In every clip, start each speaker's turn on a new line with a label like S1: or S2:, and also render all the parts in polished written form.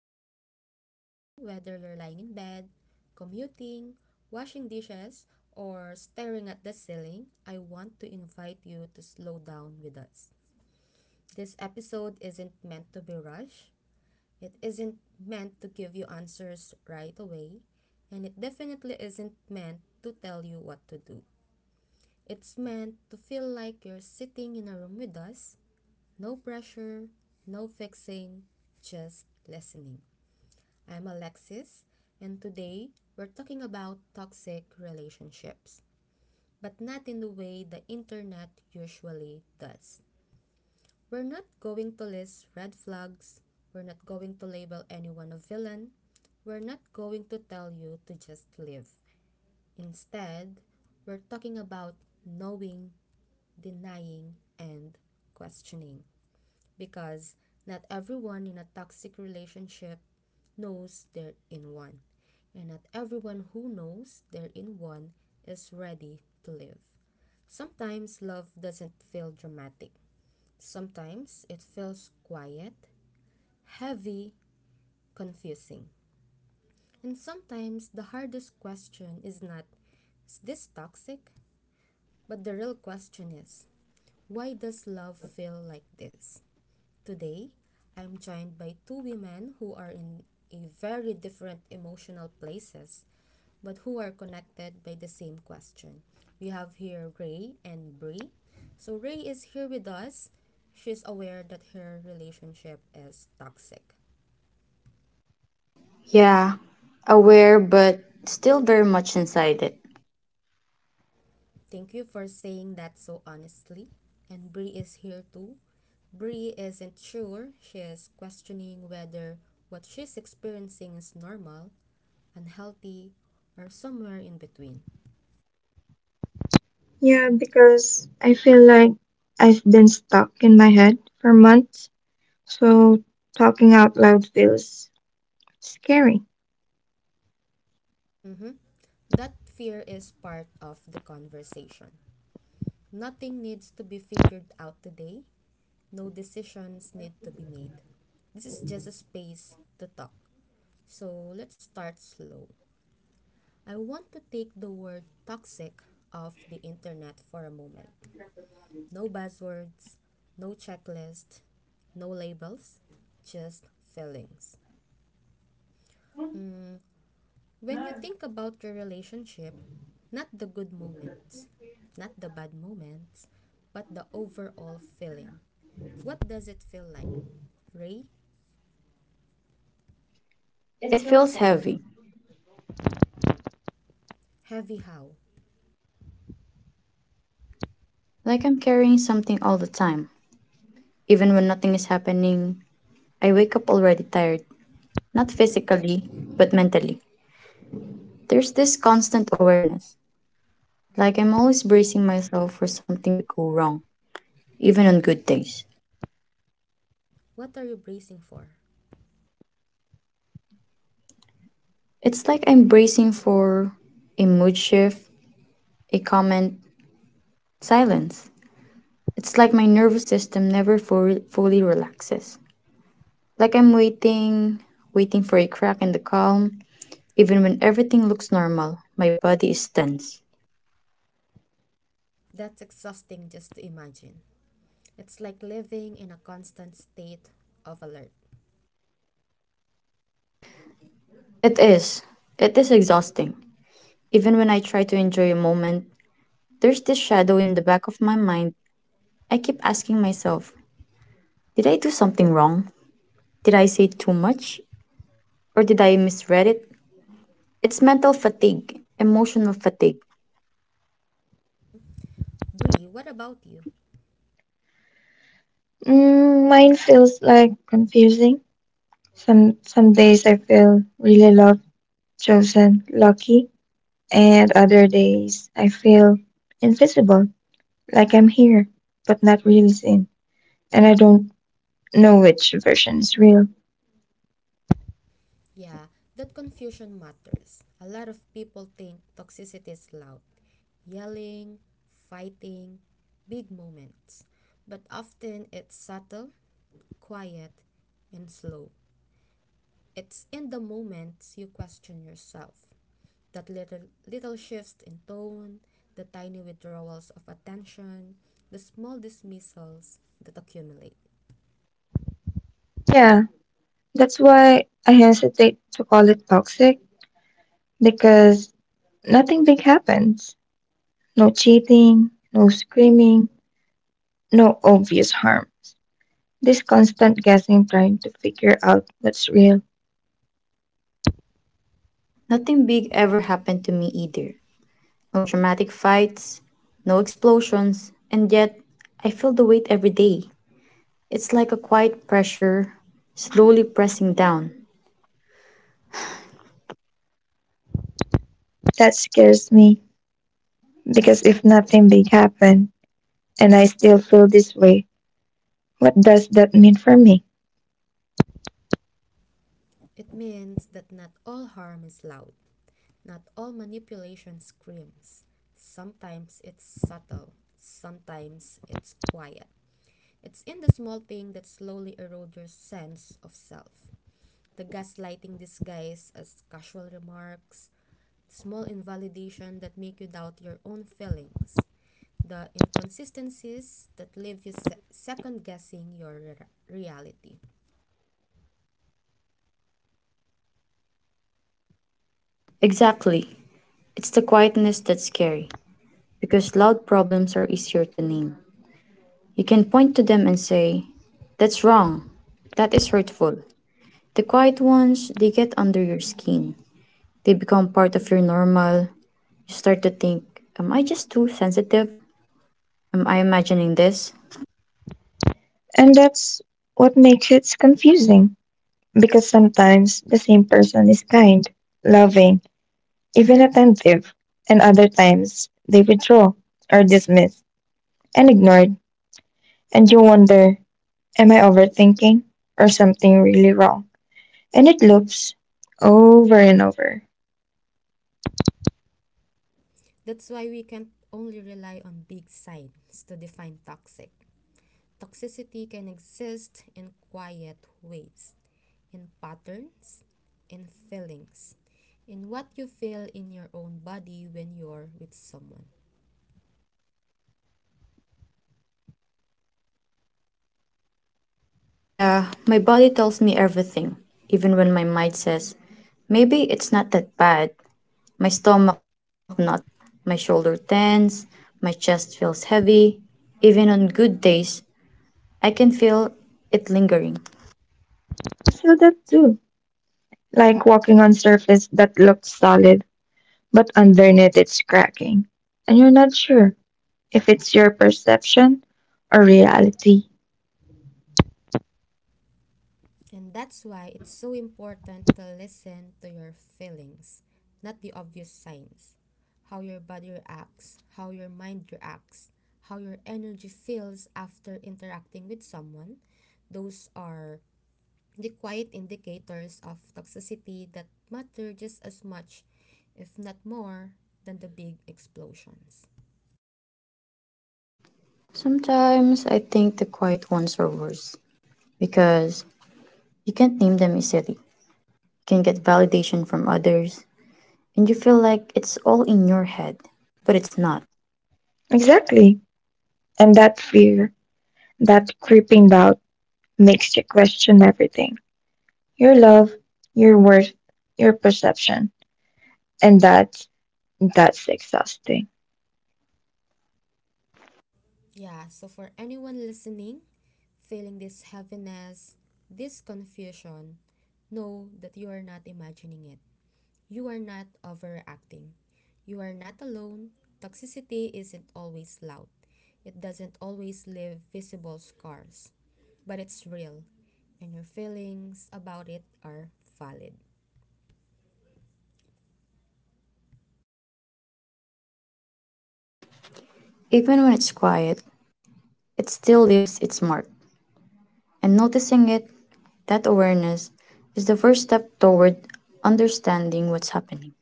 S1: you're listening right now, whether you're lying in bed, commuting, washing dishes, or staring at the ceiling, I want to invite you to slow down with us. This episode isn't meant to be rushed, it isn't meant to give you answers right away, and it definitely isn't meant to tell you what to do. It's meant to feel like you're sitting in a room with us, no pressure, no fixing, just listening. I'm Alexis, and today we're talking about toxic relationships, but not in the way the internet usually does. We're not going to list red flags, we're not going to label anyone a villain, we're not going to tell you to just live. Instead, we're talking about knowing, denying, and questioning, because not everyone in a toxic relationship knows they're in one, and not everyone who knows they're in one is ready to live. Sometimes love doesn't feel dramatic, sometimes it feels quiet, heavy, confusing. And sometimes the hardest question is not, is this toxic? But the real question is, why does love feel like this? Today, I'm joined by two women who are in a very different emotional places but who are connected by the same question. We have here Ray and Bree. So Ray is here with us. She's aware that her relationship is toxic.
S2: Yeah, aware, but still very much inside it.
S1: Thank you for saying that so honestly. And Bree is here too. Bree isn't sure. She is questioning whether what she's experiencing is normal, unhealthy, or somewhere in between.
S3: Yeah, because I feel like I've been stuck in my head for months, so talking out loud feels scary.
S1: Mm-hmm. That fear is part of the conversation. Nothing needs to be figured out today. No decisions need to be made. This is just a space to talk. So let's start slow. I want to take the word toxic off the internet for a moment. No buzzwords, no checklist, no labels, just feelings. Mm, when you think about your relationship, not the good moments, not the bad moments, but the overall feeling. What does it feel like? Ray,
S2: It feels heavy,
S1: heavy how?
S2: like I'm carrying something all the time. Even when nothing is happening, I wake up already tired, not physically, but mentally. There's this constant awareness, like I'm always bracing myself for something to go wrong, even on good days.
S1: What are you bracing for?
S2: It's like I'm bracing for a mood shift, a comment, silence. It's like my nervous system never fully relaxes. Like I'm waiting, waiting for a crack in the calm, even when everything looks normal, my body is tense.
S1: That's exhausting just to imagine. It's like living in a constant state of alert.
S2: It is. It is exhausting. Even when I try to enjoy a moment, there's this shadow in the back of my mind. I keep asking myself, did I do something wrong? Did I say too much? Or did I misread it? It's mental fatigue, emotional fatigue.
S1: Hmm? Bree, what about you?
S3: Mine feels like confusing. Some days I feel really loved, chosen, lucky, and other days I feel invisible, like I'm here, but not really seen, and I don't know which version is real.
S1: Yeah, that confusion matters. A lot of people think toxicity is loud, yelling, fighting, big moments. But often it's subtle, quiet, and slow. It's in the moments you question yourself. That little, little shifts in tone, the tiny withdrawals of attention, the small dismissals that accumulate.
S3: Yeah, that's why I hesitate to call it toxic because nothing big happens. No cheating, no screaming, no obvious harms. This constant guessing trying to figure out what's real.
S2: Nothing big ever happened to me either. No dramatic fights, no explosions, and yet I feel the weight every day. It's like a quiet pressure, slowly pressing down.
S3: That scares me because if nothing big happened and I still feel this way, what does that mean for me?
S1: It means that not all harm is loud, not all manipulation screams. Sometimes it's subtle, sometimes it's quiet. It's in the small thing that slowly erodes your sense of self. The gaslighting disguised as casual remarks, small invalidation that make you doubt your own feelings, the inconsistencies that leave you second guessing your reality.
S2: Exactly. It's the quietness that's scary, because loud problems are easier to name. You can point to them and say, that's wrong. That is hurtful. The quiet ones, they get under your skin. They become part of your normal. You start to think, am I just too sensitive? Am I imagining this?
S3: And that's what makes it confusing because sometimes the same person is kind, loving, even attentive, and other times they withdraw or dismiss and ignored, and you wonder, am I overthinking or something really wrong? And it loops over and over.
S1: That's why we can't only rely on big signs to define toxic. Toxicity can exist in quiet ways, in patterns, in feelings, in what you feel in your own body when you're with someone.
S2: Yeah, my body tells me everything, even when my mind says, maybe it's not that bad. My stomach knots up, my shoulder tense, my chest feels heavy. Even on good days, I can feel it lingering.
S3: I feel that too. Like walking on surface that looks solid, but underneath it's cracking. And you're not sure if it's your perception or reality.
S1: And that's why it's so important to listen to your feelings, not the obvious signs. How your body reacts, how your mind reacts, how your energy feels after interacting with someone. Those are the quiet indicators of toxicity that matter just as much, if not more, than the big explosions.
S2: Sometimes I think the quiet ones are worse because you can't name them easily. You can get validation from others, and you feel like it's all in your head, but it's not.
S3: Exactly. And that fear, that creeping doubt makes you question everything. Your love, your worth, your perception. And that's exhausting.
S1: Yeah, so for anyone listening, feeling this heaviness, this confusion, know that you are not imagining it. You are not overreacting. You are not alone. Toxicity isn't always loud, it doesn't always leave visible scars, but it's real, and your feelings about it are valid.
S2: Even when it's quiet, it still leaves its mark. And noticing it, that awareness, is the first step toward understanding what's happening.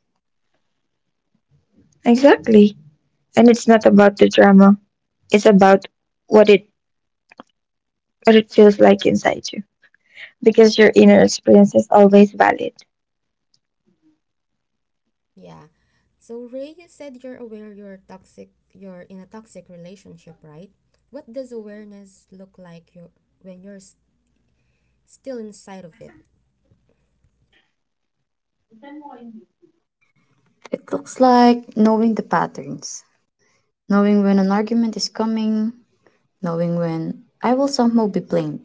S3: Exactly. And it's not about the drama. It's about what it what it feels like inside you because your inner experience is always valid.
S1: Yeah. So Ray, you said you're aware you're in a toxic relationship, right? What does awareness look like you when you're still inside of it,
S2: It looks like knowing the patterns, knowing when an argument is coming, knowing when I will somehow be blamed,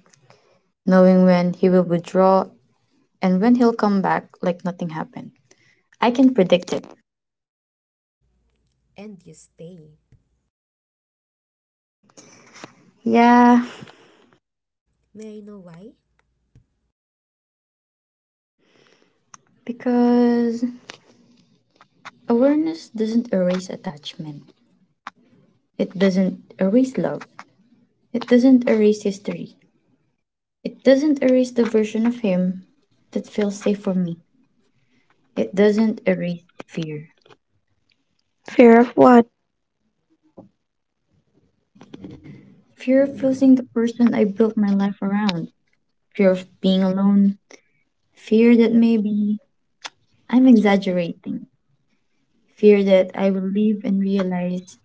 S2: knowing when he will withdraw, and when he'll come back like nothing happened. I can predict it.
S1: and you stay?
S2: Yeah,
S1: May I know why?
S2: because awareness doesn't erase attachment, it doesn't erase love, it doesn't erase history, it doesn't erase the version of him that feels safe for me, it doesn't erase fear.
S3: Fear of what?
S2: Fear of losing the person I built my life around. Fear of being alone. Fear that maybe I'm exaggerating. Fear that I will leave and realize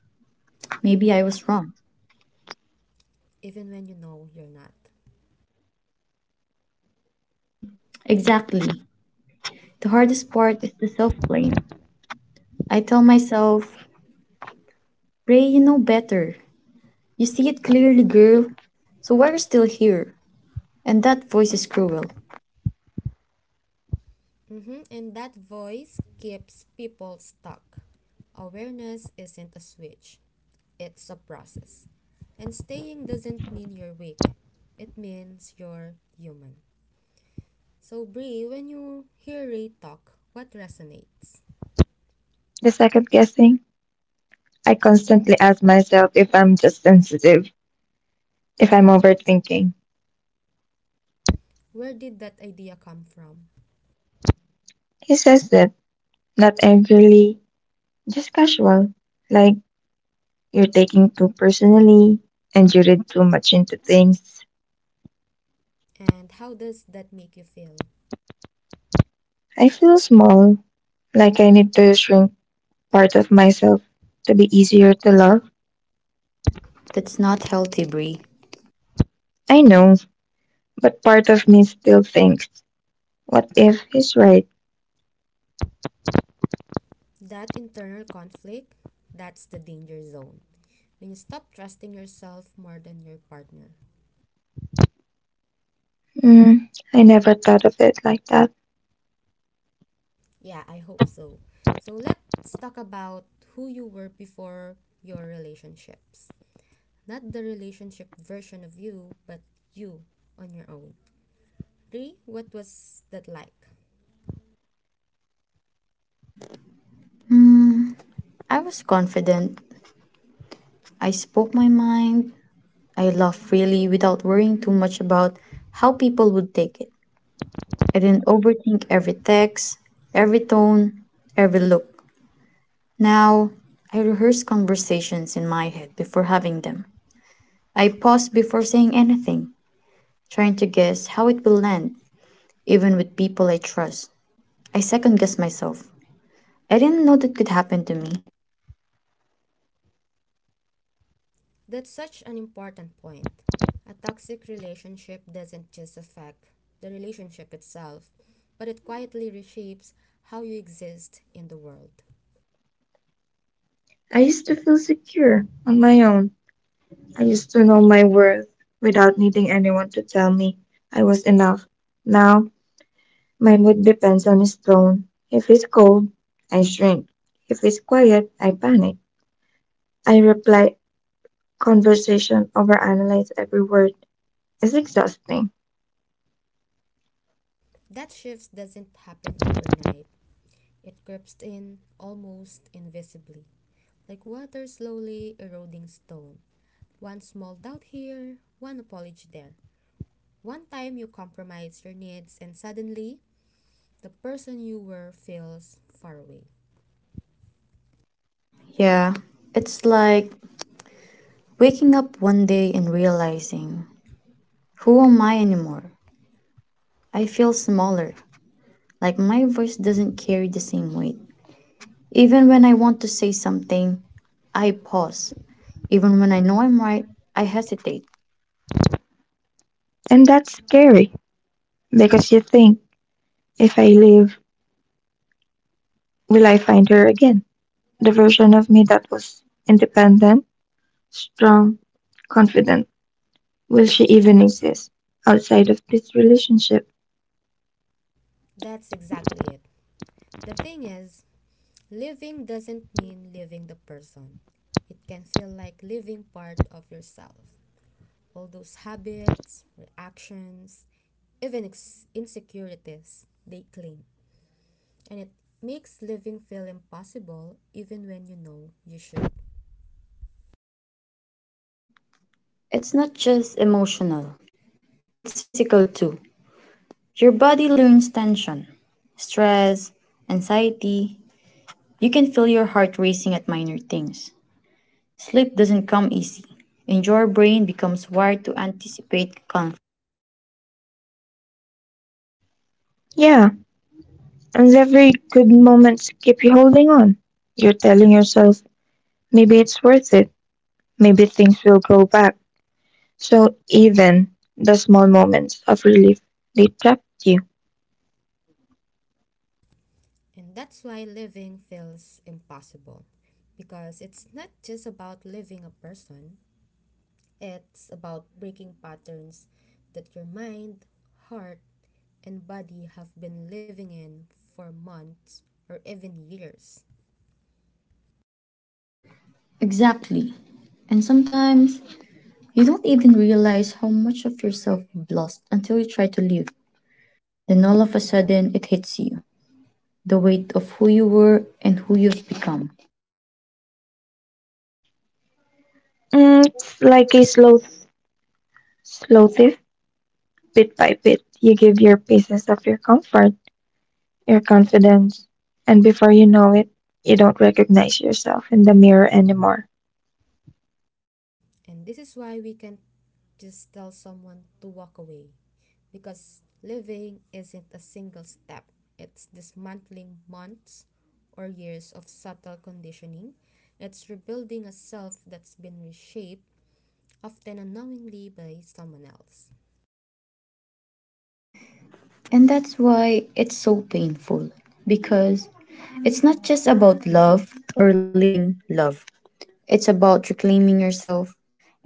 S2: maybe I was wrong.
S1: Even when you know you're not.
S2: Exactly. The hardest part is the self blame. I tell myself, Ray, you know better. You see it clearly, girl. So why are you still here? And that voice is cruel.
S1: Mm-hmm. And that voice keeps people stuck. Awareness isn't a switch, it's a process. And staying doesn't mean you're weak, it means you're human. So, Brie, when you hear Ray talk, what resonates?
S3: The second guessing? I constantly ask myself if I'm just sensitive, if I'm overthinking.
S1: Where did that idea come from?
S3: He says that, not angrily, just casual. Like, you're taking too personally, and you read too much into things.
S1: And how does that make you feel?
S3: I feel small, like I need to shrink part of myself to be easier to love.
S2: That's not healthy, Bree.
S3: I know, but part of me still thinks, what if he's right?
S1: That internal conflict, that's the danger zone. When you stop trusting yourself more than your partner.
S3: I never thought of it like that.
S1: Yeah, I hope so. So, let's talk about who you were before your relationships. Not the relationship version of you, but you on your own. Ray, what was that like?
S2: I was confident. I spoke my mind. I laughed freely without worrying too much about how people would take it. I didn't overthink every text, every tone, every look. Now, I rehearse conversations in my head before having them. I pause before saying anything, trying to guess how it will land, even with people I trust. I second guess myself. I didn't know that could happen to me.
S1: That's such an important point. A toxic relationship doesn't just affect the relationship itself, but it quietly reshapes how you exist in the world.
S3: I used to feel secure on my own. I used to know my worth without needing anyone to tell me I was enough. Now, my mood depends on his tone. If he's cold, I shrink. If he's quiet, I panic. I reply conversation overanalyze every word. It's exhausting.
S1: That shift doesn't happen overnight, it creeps in almost invisibly, like water slowly eroding stone. One small doubt here, one apology there. One time you compromise your needs, and suddenly the person you were feels far away.
S2: Yeah, it's like waking up one day and realizing, who am I anymore? I feel smaller, like my voice doesn't carry the same weight. Even when I want to say something, I pause. Even when I know I'm right, I hesitate.
S3: And that's scary because you think, if I leave, will I find her again? The version of me that was independent, strong, confident. Will she even exist outside of this relationship?
S1: That's exactly it. The thing is, living doesn't mean leaving the person. It can feel like leaving part of yourself. All those habits, reactions, even insecurities, they cling. And it makes living feel impossible even when you know you should.
S2: It's not just emotional, it's physical too. Your body learns tension, stress, anxiety. You can feel your heart racing at minor things. Sleep doesn't come easy, and your brain becomes wired to anticipate conflict.
S3: Yeah, and every good moment keep you holding on. You're telling yourself, maybe it's worth it. Maybe things will go back. So even the small moments of relief, they trapped you.
S1: And that's why living feels impossible. Because it's not just about living a person, it's about breaking patterns that your mind, heart, and body have been living in for months or even years.
S2: Exactly. And sometimes you don't even realize how much of yourself you've lost until you try to leave. Then all of a sudden it hits you the weight of who you were and who you've become.
S3: It's like a slow, slow thief. Bit by bit, you give your pieces of your comfort, your confidence, and before you know it, you don't recognize yourself in the mirror anymore.
S1: And this is why we can't just tell someone to walk away, because living isn't a single step, it's dismantling months or years of subtle conditioning. It's rebuilding a self that's been reshaped, often unknowingly, by someone else.
S2: And that's why it's so painful because it's not just about love or living love, it's about reclaiming yourself.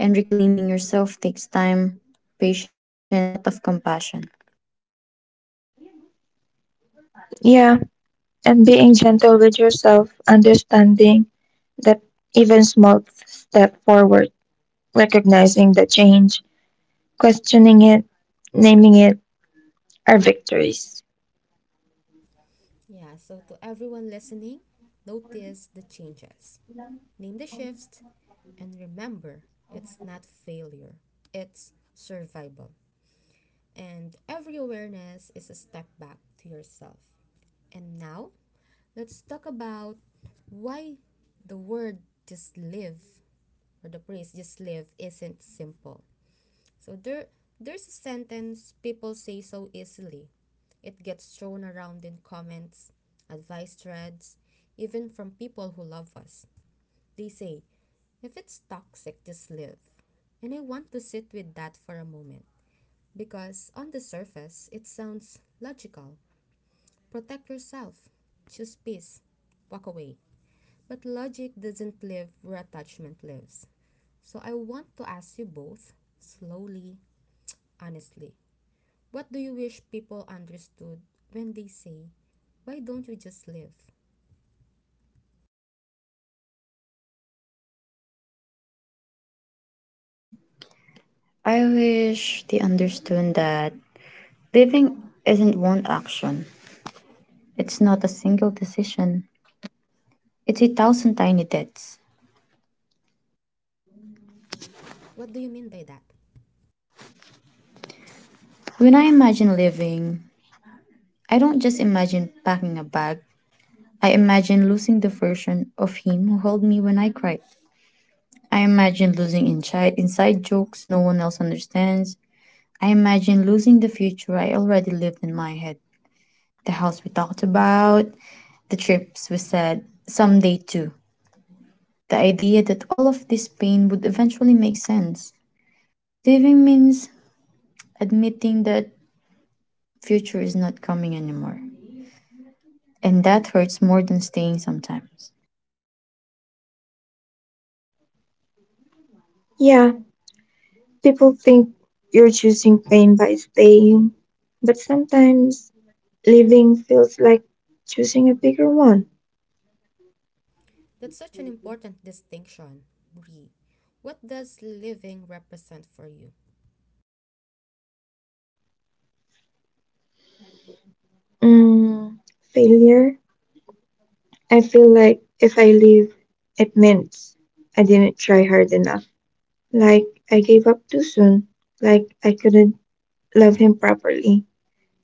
S2: And reclaiming yourself takes time, patience, and a lot of compassion.
S3: Yeah, and being gentle with yourself, understanding that even small step forward, recognizing the change, questioning it, naming it are victories.
S1: Yeah, so to everyone listening, notice the changes. Name the shifts, and remember, it's not failure, it's survival. And every awareness is a step back to yourself. And now, let's talk about why the word just live or the phrase just live isn't simple. So there's a sentence people say so easily. It gets thrown around in comments, advice threads, even from people who love us. They say, if it's toxic, just live. And I want to sit with that for a moment because on the surface, it sounds logical. Protect yourself, choose peace, walk away. But logic doesn't live where attachment lives. So I want to ask you both, slowly, honestly, what do you wish people understood when they say, why don't you just live?
S2: I wish they understood that living isn't one action, it's not a single decision. It's a thousand tiny deaths.
S1: What do you mean by that?
S2: When I imagine living, I don't just imagine packing a bag. I imagine losing the version of him who held me when I cried. I imagine losing inside jokes no one else understands. I imagine losing the future I already lived in my head. The house we talked about, the trips we said, someday too. The idea that all of this pain would eventually make sense. Living means admitting that future is not coming anymore. And that hurts more than staying sometimes.
S3: Yeah, people think you're choosing pain by staying, but sometimes living feels like choosing a bigger one.
S1: That's such an important distinction, Bree. What does living represent for you?
S3: Mm, failure. I feel like if I leave, it means I didn't try hard enough. Like I gave up too soon. Like I couldn't love him properly.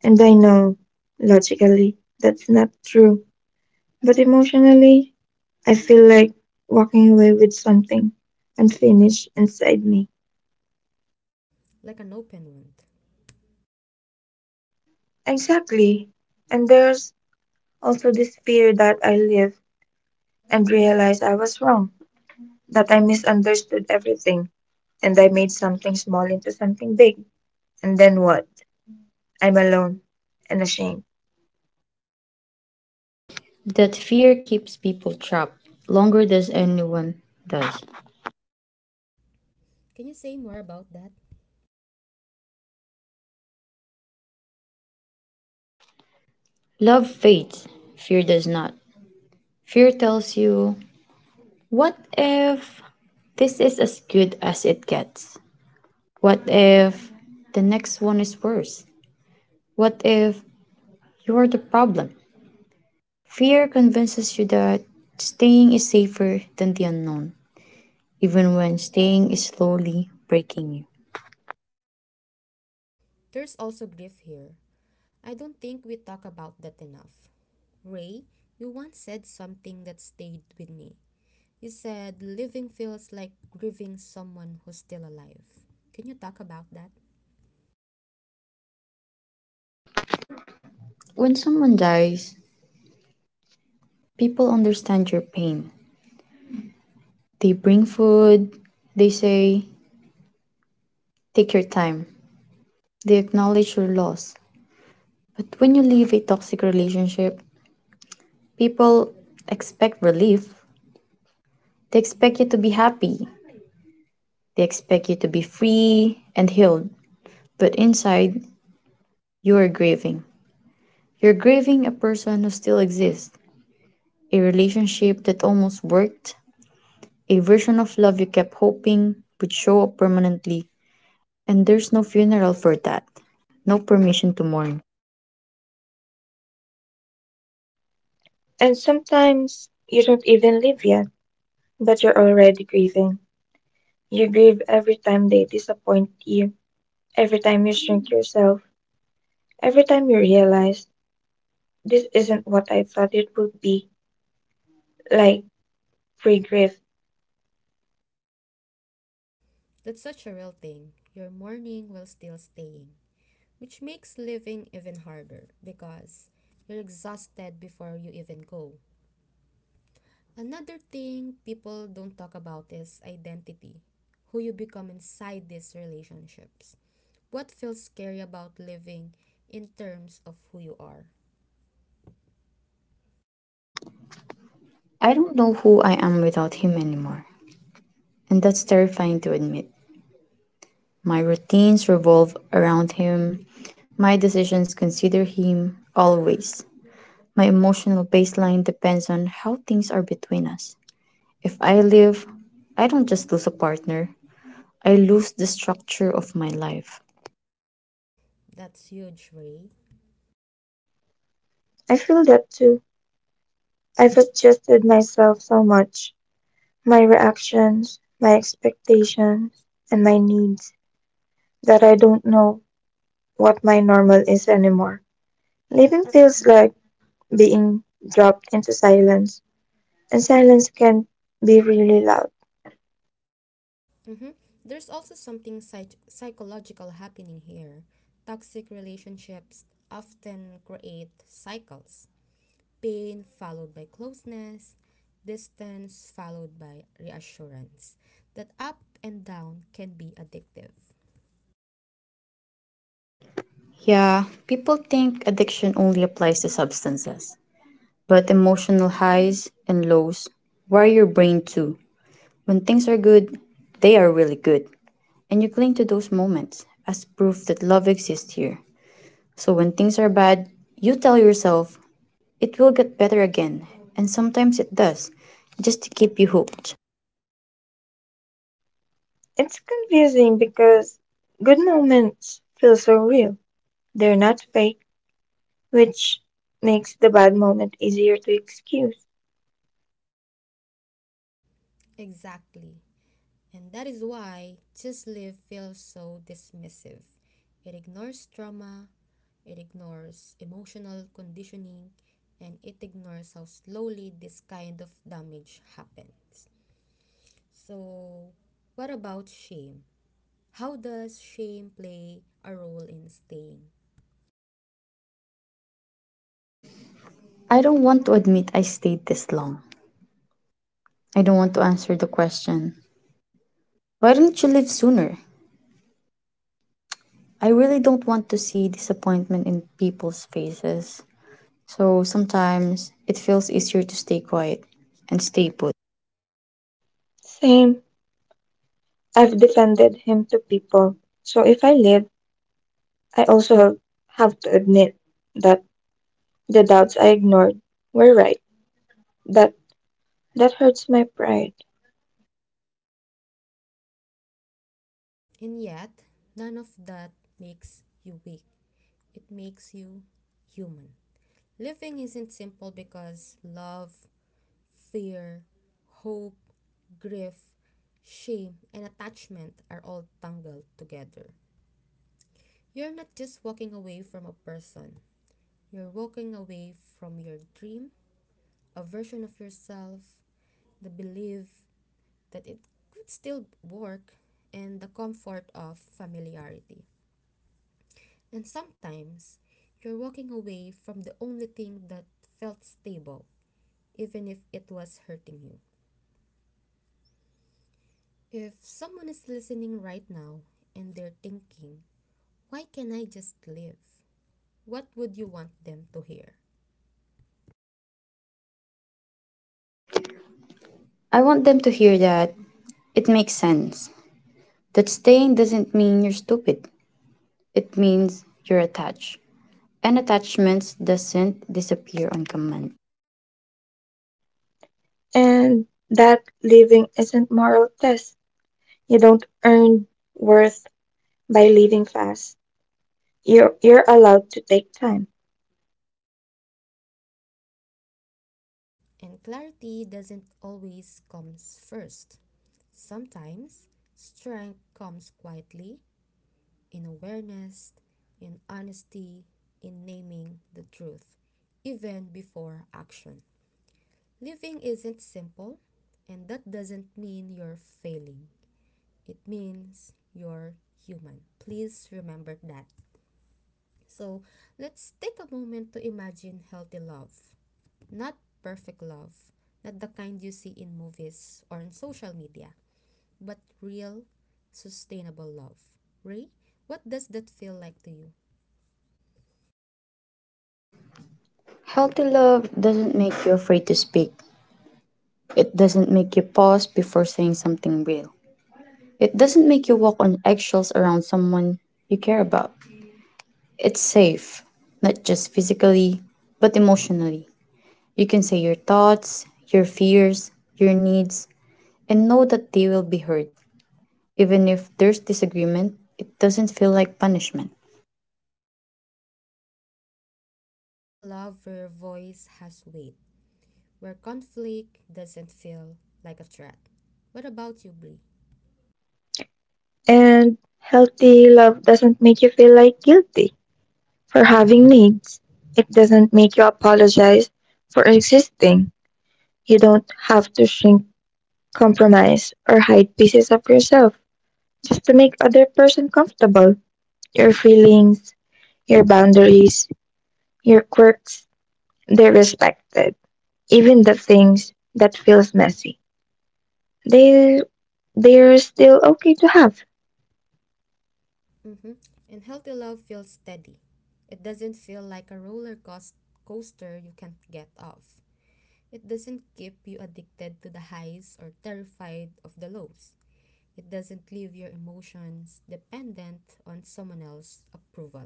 S3: And I know, logically, that's not true. But emotionally, I feel like walking away with something unfinished inside me.
S1: Like an open wound.
S3: Exactly. And there's also this fear that I live and realize I was wrong, that I misunderstood everything, and I made something small into something big. And then what? I'm alone and ashamed.
S2: That fear keeps people trapped longer than anyone does.
S1: Can you say more about that?
S2: Love fades, fear does not. Fear tells you, what if this is as good as it gets? What if the next one is worse? What if you're the problem? Fear convinces you that staying is safer than the unknown, even when staying is slowly breaking you.
S1: There's also grief here. I don't think we talk about that enough. Ray, you once said something that stayed with me. You said living feels like grieving someone who's still alive. Can you talk about that?
S2: When someone dies, people understand your pain. They bring food. They say, take your time. They acknowledge your loss. But when you leave a toxic relationship, people expect relief. They expect you to be happy. They expect you to be free and healed. But inside, you are grieving. You're grieving a person who still exists, a relationship that almost worked, a version of love you kept hoping would show up permanently. And there's no funeral for that. No permission to mourn.
S3: And sometimes you don't even live yet, but you're already grieving. You grieve every time they disappoint you, every time you shrink yourself, every time you realize this isn't what I thought it would be, like pre grief.
S1: That's such a real thing. You're mourning while still staying, which makes living even harder because you're exhausted before you even go. Another thing people don't talk about is identity, who you become inside these relationships. What feels scary about living in terms of who you are?
S2: I don't know who I am without him anymore. And that's terrifying to admit. My routines revolve around him. My decisions consider him always. My emotional baseline depends on how things are between us. If I leave, I don't just lose a partner, I lose the structure of my life.
S1: That's huge, Ray.
S3: I feel that too. I've adjusted myself so much, my reactions, my expectations, and my needs, that I don't know what my normal is anymore. Living feels like being dropped into silence. And silence can be really loud.
S1: Mm-hmm. There's also something psychological happening here. Toxic relationships often create cycles, pain followed by closeness, distance followed by reassurance. That up and down can be addictive.
S2: Yeah, people think addiction only applies to substances, but emotional highs and lows wire your brain too. When things are good, they are really good, and you cling to those moments as proof that love exists here. So when things are bad, you tell yourself it will get better again, and sometimes it does, just to keep you hooked.
S3: It's confusing because good moments feel so real. They're not fake, which makes the bad moment easier to excuse.
S1: Exactly. And that is why just live feels so dismissive. It ignores trauma, it ignores emotional conditioning, and it ignores how slowly this kind of damage happens. So, what about shame? How does shame play a role in staying?
S2: I don't want to admit I stayed this long. I don't want to answer the question, why didn't you leave sooner? I really don't want to see disappointment in people's faces. So sometimes it feels easier to stay quiet and stay put.
S3: Same, I've defended him to people. So if I live, I also have to admit that the doubts I ignored were right. That that hurts my pride.
S1: And yet, none of that makes you weak. It makes you human. Living isn't simple because love, fear, hope, grief, shame, and attachment are all tangled together. You're not just walking away from a person, you're walking away from your dream, a version of yourself, the belief that it could still work, and the comfort of familiarity. And sometimes you're walking away from the only thing that felt stable, even if it was hurting you. If someone is listening right now and they're thinking, why can I just live? What would you want them to hear?
S2: I want them to hear that it makes sense. That staying doesn't mean you're stupid. It means you're attached. And attachments doesn't disappear on command.
S3: And that living isn't moral test. You don't earn worth by living fast. You're allowed to take time.
S1: And clarity doesn't always comes first. Sometimes strength comes quietly in awareness, in honesty, in naming the truth, even before action. Living isn't simple, and that doesn't mean you're failing. It means you're human. Please remember that. So, let's take a moment to imagine healthy love. Not perfect love, not the kind you see in movies or on social media, but real, sustainable love. Ray, what does that feel like to you?
S2: Healthy love doesn't make you afraid to speak. It doesn't make you pause before saying something real. It doesn't make you walk on eggshells around someone you care about. It's safe, not just physically, but emotionally. You can say your thoughts, your fears, your needs, and know that they will be heard. Even if there's disagreement, it doesn't feel like punishment.
S1: Yes, it's a love where your voice has weight, where conflict doesn't feel like a threat. What about you, Blee?
S3: And healthy love doesn't make you feel like guilty for having needs. It doesn't make you apologize for existing. You don't have to shrink, compromise, or hide pieces of yourself just to make other person comfortable. Your feelings, your boundaries, your quirks, they're respected. Even the things that feels messy. They they're still okay to have.
S1: Mm-hmm. And healthy love feels steady. It doesn't feel like a roller coaster you can't get off. It doesn't keep you addicted to the highs or terrified of the lows. It doesn't leave your emotions dependent on someone else's approval.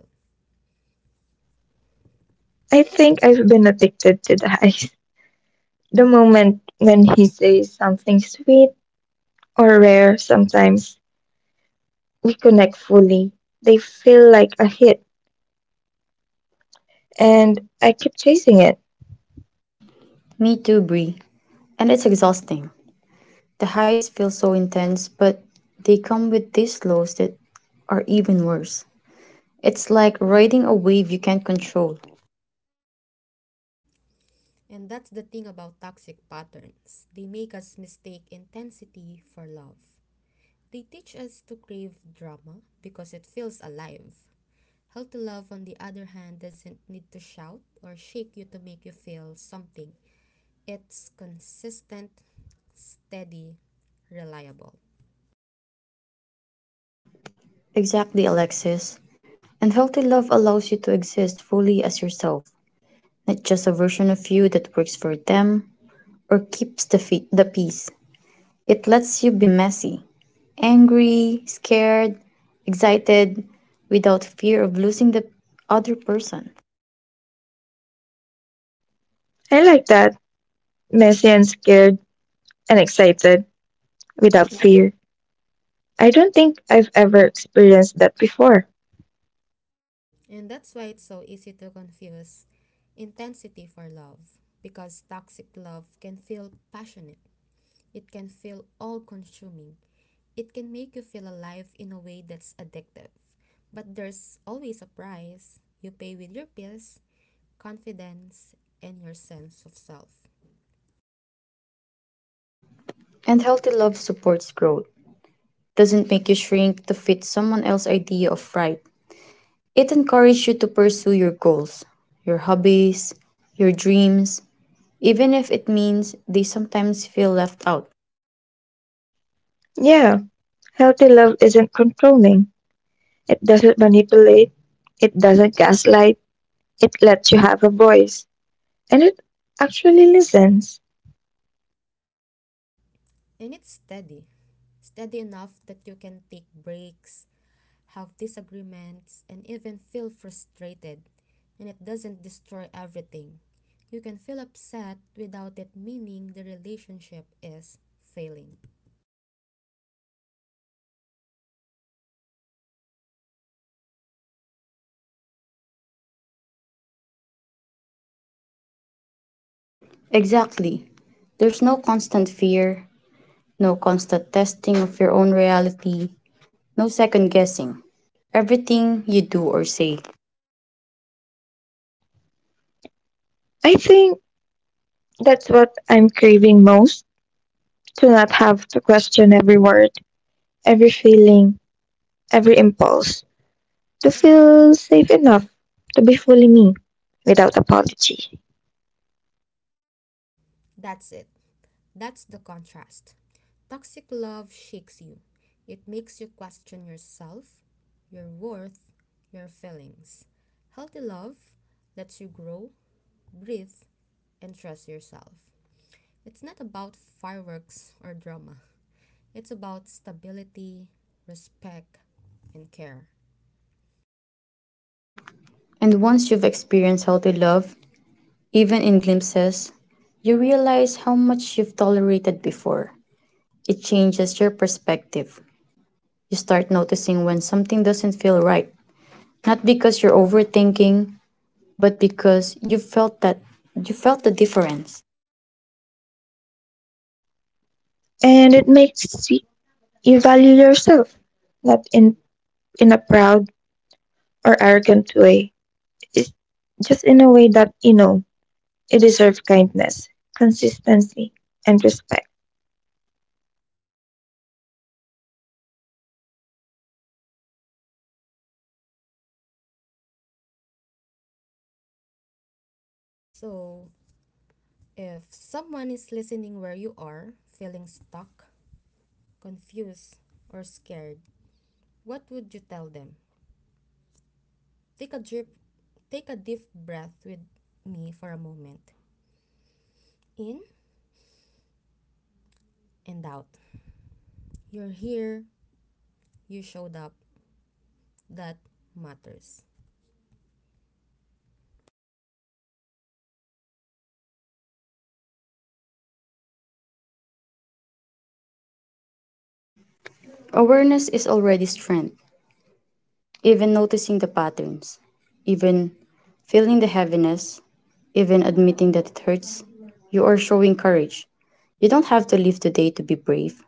S3: I think I've been addicted to the eyes. The moment when he says something sweet or rare, sometimes we connect fully. They feel like a hit, and I keep chasing it.
S2: Me too, Brie. And it's exhausting. The highs feel so intense, but they come with these lows that are even worse. It's like riding a wave you can't control.
S1: And that's the thing about toxic patterns. They make us mistake intensity for love. They teach us to crave drama because it feels alive. Healthy love, on the other hand, doesn't need to shout or shake you to make you feel something. It's consistent, steady, reliable.
S2: Exactly, Alexis. And healthy love allows you to exist fully as yourself, not just a version of you that works for them or keeps the, the peace. It lets you be messy, angry, scared, excited, without fear of losing the other person.
S3: I like that. Messy and scared and excited without fear. I don't think I've ever experienced that before.
S1: And that's why it's so easy to confuse intensity for love, because toxic love can feel passionate, it can feel all consuming. It can make you feel alive in a way that's addictive. But there's always a price you pay with your peace, confidence, and your sense of self.
S2: And healthy love supports growth, doesn't make you shrink to fit someone else's idea of right. It encourages you to pursue your goals, your hobbies, your dreams, even if it means they sometimes feel left out.
S3: Yeah, healthy love isn't controlling. It doesn't manipulate, it doesn't gaslight, it lets you have a voice, and it actually listens.
S1: And it's steady. Steady enough that you can take breaks, have disagreements, and even feel frustrated. And it doesn't destroy everything. You can feel upset without it meaning the relationship is failing.
S2: Exactly. There's no constant fear, no constant testing of your own reality, no second guessing. Everything you do or say.
S3: I think that's what I'm craving most, to not have to question every word, every feeling, every impulse, to feel safe enough to be fully me without apology.
S1: That's it. That's the contrast. Toxic love shakes you, it makes you question yourself, your worth, your feelings. Healthy love lets you grow, breathe, and trust yourself. It's not about fireworks or drama. It's about stability, respect, and care.
S2: And once you've experienced how to love, even in glimpses, you realize how much you've tolerated before. It changes your perspective. You start noticing when something doesn't feel right. Not because you're overthinking, but because you felt the difference.
S3: And it makes you value yourself, not in a proud or arrogant way, it's just in a way that you know it deserves kindness, consistency, and respect.
S1: So, if someone is listening where you are, feeling stuck, confused, or scared, what would you tell them? Take a drip, Take a deep breath with me for a moment. In and out. You're here, you showed up. That matters.
S2: Awareness is already strength. Even noticing the patterns, even feeling the heaviness, even admitting that it hurts, you are showing courage. You don't have to live today to be brave.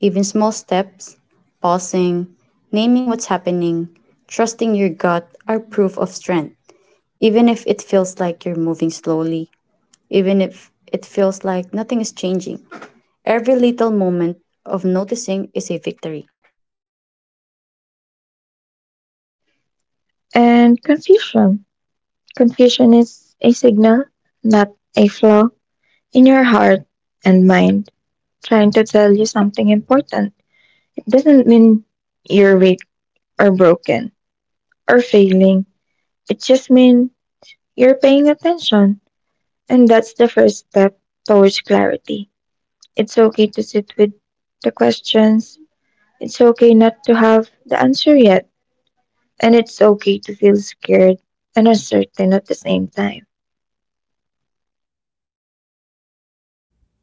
S2: Even small steps, pausing, naming what's happening, trusting your gut are proof of strength. Even if it feels like you're moving slowly, even if it feels like nothing is changing, every little moment of noticing is a victory.
S3: And confusion. Confusion is a signal, not a flaw, in your heart and mind trying to tell you something important. It doesn't mean you're weak or broken or failing. It just means you're paying attention. And that's the first step towards clarity. It's okay to sit with the questions. It's okay not to have the answer yet. And it's okay to feel scared and uncertain at the same time.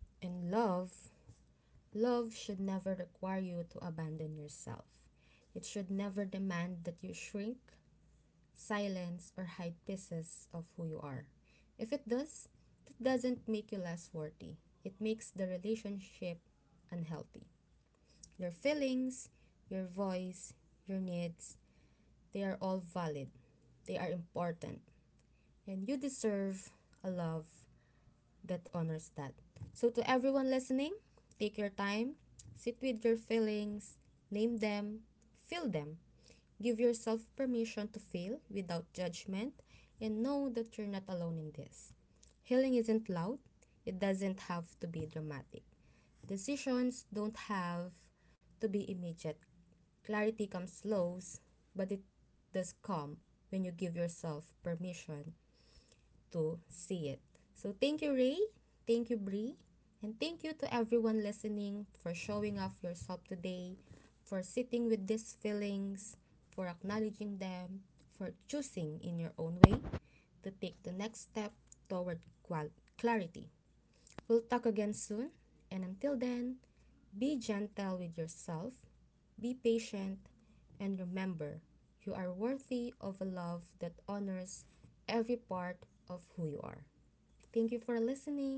S1: And love, love should never require you to abandon yourself. It should never demand that you shrink, silence, or hide pieces of who you are. If it does, that doesn't make you less worthy. It makes the relationship unhealthy. Your feelings, your voice, your needs, they are all valid, they are important, and you deserve a love that honors that. So, to everyone listening, take your time, sit with your feelings, name them, feel them. Give yourself permission to feel without judgment, and know that you're not alone in this. Healing isn't loud, it doesn't have to be dramatic. Decisions don't have to be immediate. Clarity comes slow, but it does come when you give yourself permission to see it. So thank you, Ray. Thank you, Bree. And thank you to everyone listening for showing off yourself today, for sitting with these feelings, for acknowledging them, for choosing in your own way to take the next step toward clarity. We'll talk again soon, and until then, be gentle with yourself, be patient, and remember you are worthy of a love that honors every part of who you are. Thank you for listening.